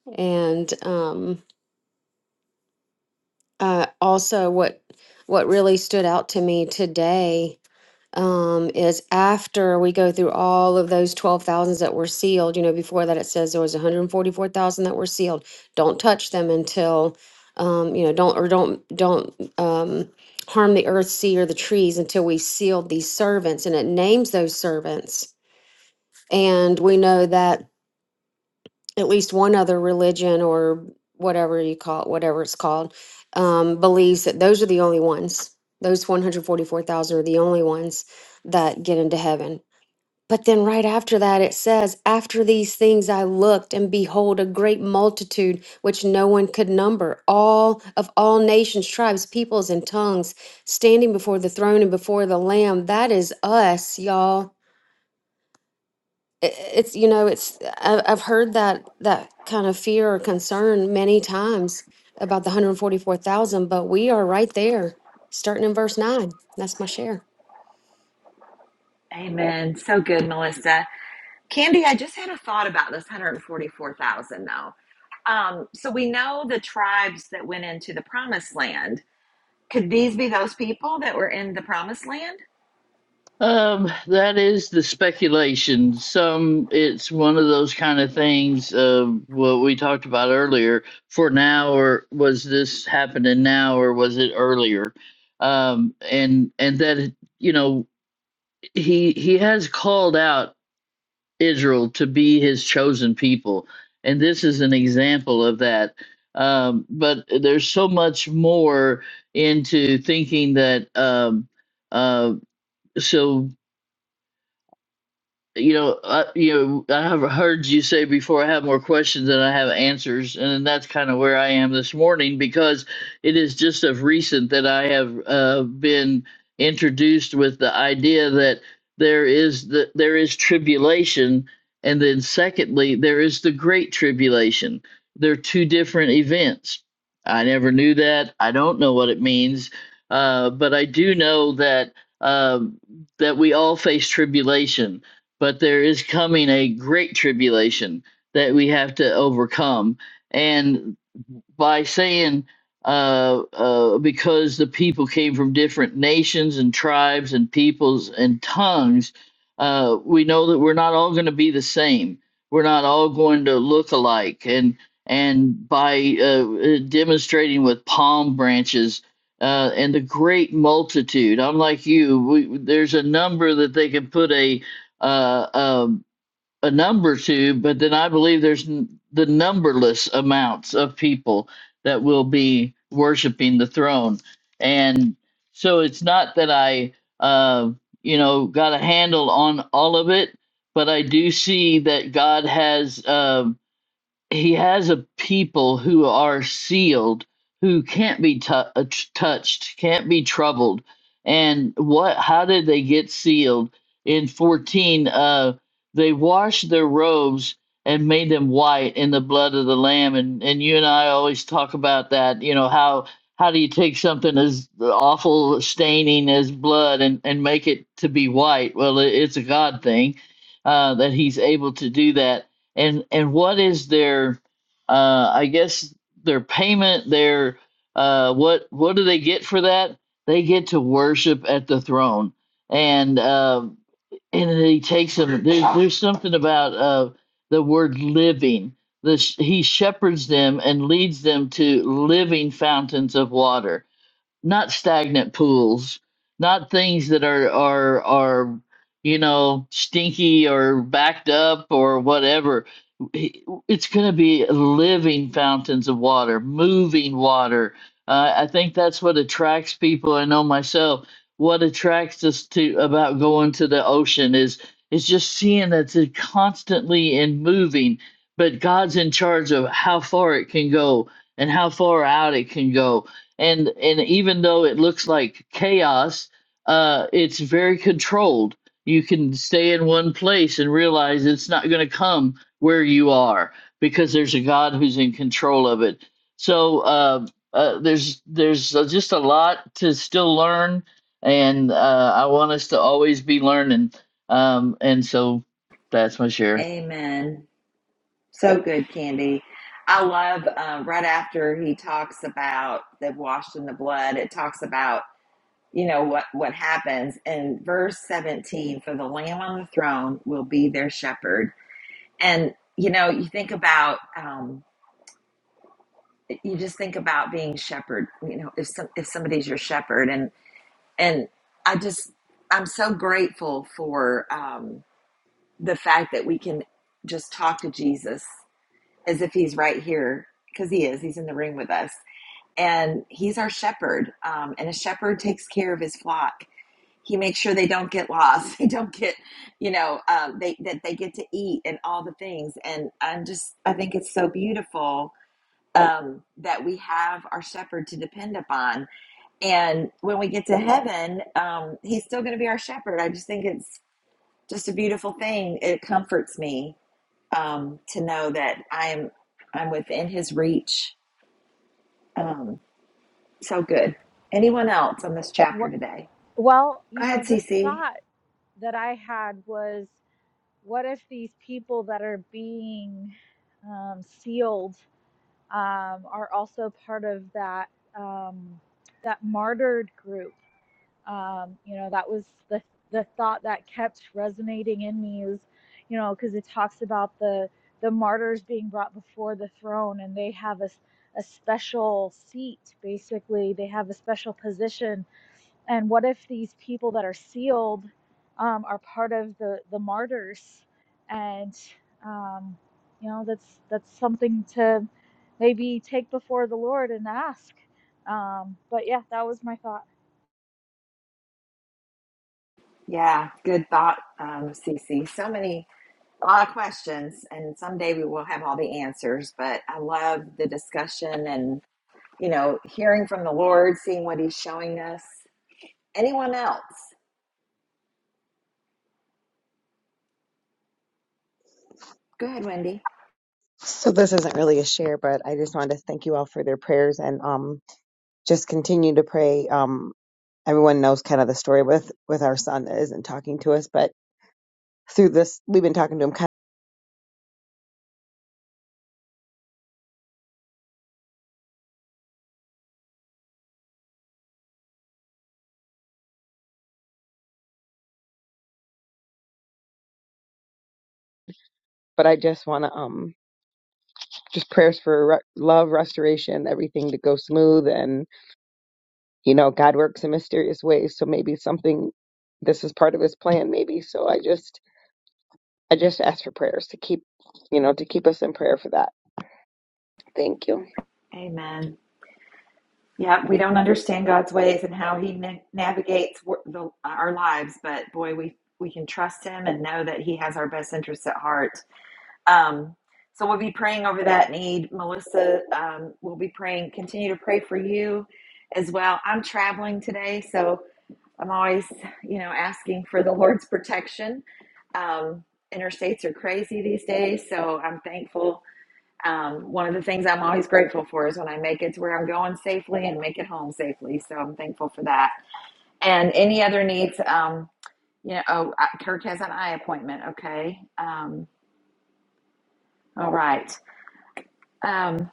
and um, uh, also what what really stood out to me today um, is after we go through all of those twelve thousands that were sealed. You know, before that it says there was one hundred forty four thousand that were sealed. Don't touch them until um, you know don't or don't don't um, harm the earth, sea, or the trees until we sealed these servants, and it names those servants. And we know that at least one other religion or whatever you call it, whatever it's called, um, believes that those are the only ones. Those 144,000 are the only ones that get into heaven. But then right after that, it says, After these things I looked, and behold, a great multitude which no one could number, all of all nations, tribes, peoples, and tongues, standing before the throne and before the Lamb. That is us, y'all it- it's you know it's I- i've heard that that kind of fear or concern many times about the 144000 but we are right there starting in verse 9 that's my share Amen. So good, Melissa. Candy, I just had a thought about this 144,000 though. Um, so we know the tribes that went into the promised land. Could these be those people that were in the promised land? Um, that is the speculation. Some it's one of those kind of things of what we talked about earlier. For now, or was this happening now, or was it earlier? Um, and and that you know he he has called out Israel to be his chosen people, and this is an example of that. Um, but there's so much more into thinking that um, uh, so. you know, I, you know, I have heard you say before I have more questions than I have answers, and that's kind of where I am this morning because it is just of recent that I have uh, been introduced with the idea that there is the there is tribulation, and then secondly, there is the great tribulation. They're two different events. I never knew that. I don't know what it means, uh, but I do know that um that we all face tribulation but there is coming a great tribulation that we have to overcome. And by saying uh, uh, because the people came from different nations and tribes and peoples and tongues, uh, we know that we're not all going to be the same. We're not all going to look alike. And and by uh, demonstrating with palm branches uh, and the great multitude, I'm like you. We, there's a number that they can put a uh, um, a number to, but then I believe there's n- the numberless amounts of people that will be worshiping the throne. And so it's not that I, uh, you know, got a handle on all of it, but I do see that God has. um he has a people who are sealed who can't be tou- uh, t- touched can't be troubled and what how did they get sealed in 14 uh they washed their robes and made them white in the blood of the lamb and and you and i always talk about that you know how how do you take something as awful staining as blood and and make it to be white well it, it's a god thing uh that he's able to do that and and what is their uh i guess their payment their uh what what do they get for that they get to worship at the throne and um and he takes them there's, there's something about uh the word living the, he shepherds them and leads them to living fountains of water not stagnant pools, not things that are are are you know stinky or backed up or whatever. It's going to be living fountains of water, moving water. Uh, I think that's what attracts people. I know myself. What attracts us to about going to the ocean is is just seeing that it's constantly in moving. But God's in charge of how far it can go and how far out it can go and and even though it looks like chaos uh it's very controlled you can stay in one place and realize it's not going to come where you are because there's a god who's in control of it so uh, uh there's there's uh, just a lot to still learn and uh i want us to always be learning um and so that's my share Amen. So good, Candy. I love uh, right after he talks about they've washed in the blood, it talks about, you know, what, what happens. And verse 17, for the lamb on the throne will be their shepherd. And, you know, you think about, um, you just think about being shepherd you know if some if somebody's your shepherd and and i just i'm so grateful for um the fact that we can just talk to jesus as if he's right here because he is he's in the room with us and he's our shepherd um, and a shepherd takes care of his flock he makes sure they don't get lost they don't get you know um, they that they get to eat and all the things and i'm just i think it's so beautiful um, that we have our shepherd to depend upon. And when we get to heaven, um, he's still going to be our shepherd. I just think it's just a beautiful thing. It comforts me um, to know that I'm I'm within his reach. Um, so good. Anyone else on this chapter Wh- today? Well, Go you ahead, know, the Cece. thought that I had was what if these people that are being um, sealed um, are also part of that um, that martyred group? Um, you know, that was the the thought that kept resonating in me is, you know, because it talks about the the martyrs being brought before the throne, and they have a s- a special seat. Basically, they have a special position and what if these people that are sealed um, are part of the the martyrs? And um, you know, that's that's something to maybe take before the Lord and ask. Um, but yeah, that was my thought. Yeah, good thought, um, Cece. So many, a lot of questions, and someday we will have all the answers. But I love the discussion and. you know, hearing from the Lord, seeing what He's showing us. Anyone else? Go ahead, Wendy. So this isn't really a share, but I just wanted to thank you all for their prayers and um just continue to pray. Um everyone knows kind of the story with with our son that isn't talking to us, but through this we've been talking to him kind of, but I just want to um just prayers for re- love, restoration, everything to go smooth and you know God works in mysterious ways, so maybe something this is part of his plan maybe. So I just I just ask for prayers to keep, you know, to keep us in prayer for that. Thank you. Amen. Yeah, we don't understand God's ways and how He na- navigates wor- the, our lives, but boy, we we can trust Him and know that He has our best interests at heart. Um, so we'll be praying over that need, Melissa. Um, we'll be praying. Continue to pray for you as well. I'm traveling today, so I'm always, you know, asking for the Lord's protection. Um, interstates are crazy these days, so I'm thankful. Um, one of the things I'm always grateful for is when I make it to where I'm going safely and make it home safely. So I'm thankful for that. And any other needs, um, you know, oh, Kirk has an eye appointment. Okay. Um, all right. Um,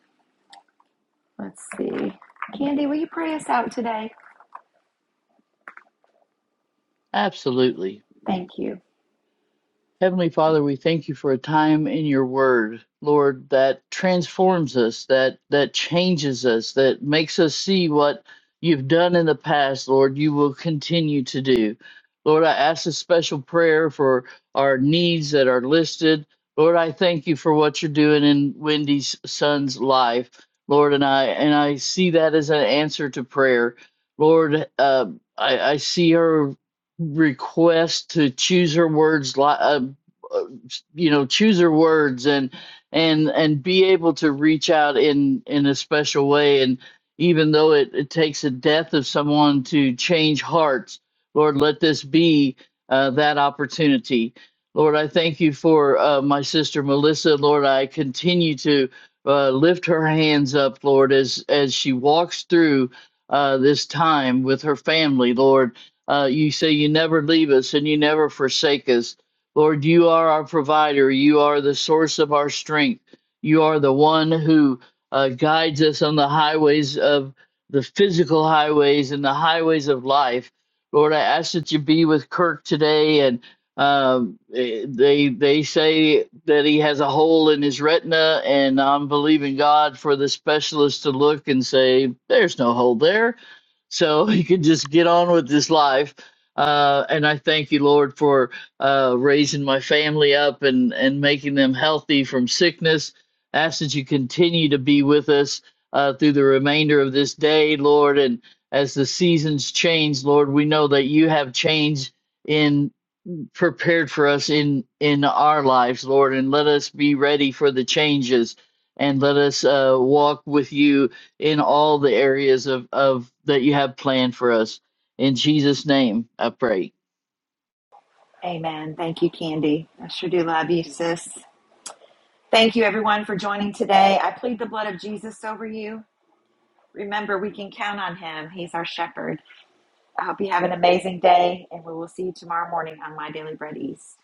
let's see. Candy, will you pray us out today? absolutely Thank you. Heavenly Father, we thank you for a time in your word, Lord, that transforms us, that that changes us, that makes us see what you've done in the past, Lord, you will continue to do. Lord, I ask a special prayer for our needs that are listed. Lord, I thank you for what you're doing in Wendy's son's life, Lord, and I and I see that as an answer to prayer. Lord, uh, I, I see her request to choose her words like uh, uh, you know choose her words and and and be able to reach out in in a special way and even though it, it takes a death of someone to change hearts lord let this be uh, that opportunity lord i thank you for uh, my sister melissa lord i continue to uh, lift her hands up lord as as she walks through uh, this time with her family lord uh, you say you never leave us and you never forsake us. Lord, you are our provider. You are the source of our strength. You are the one who uh, guides us on the highways of the physical highways and the highways of life. Lord, I ask that you be with Kirk today. And um, eh, they they say that he has a hole in his retina, and I'm believing God for the specialist to look and say, "There's no hole there." so you can just get on with this life. Uh, and I thank you, Lord, for uh, raising my family up and, and making them healthy from sickness. Ask that you continue to be with us uh, through the remainder of this day, Lord. And as the seasons change, Lord, we know that you have changed in prepared for us in in our lives lord and let us be ready for the changes and let us uh, walk with you in all the areas of of that you have planned for us in jesus name i pray Amen. Thank you, Candy. I sure do love you, sis. Thank you, everyone, for joining today. I plead the blood of Jesus over you. Remember, we can count on him. He's our shepherd. I hope you have an amazing day, and we will see you tomorrow morning on My Daily Bread East.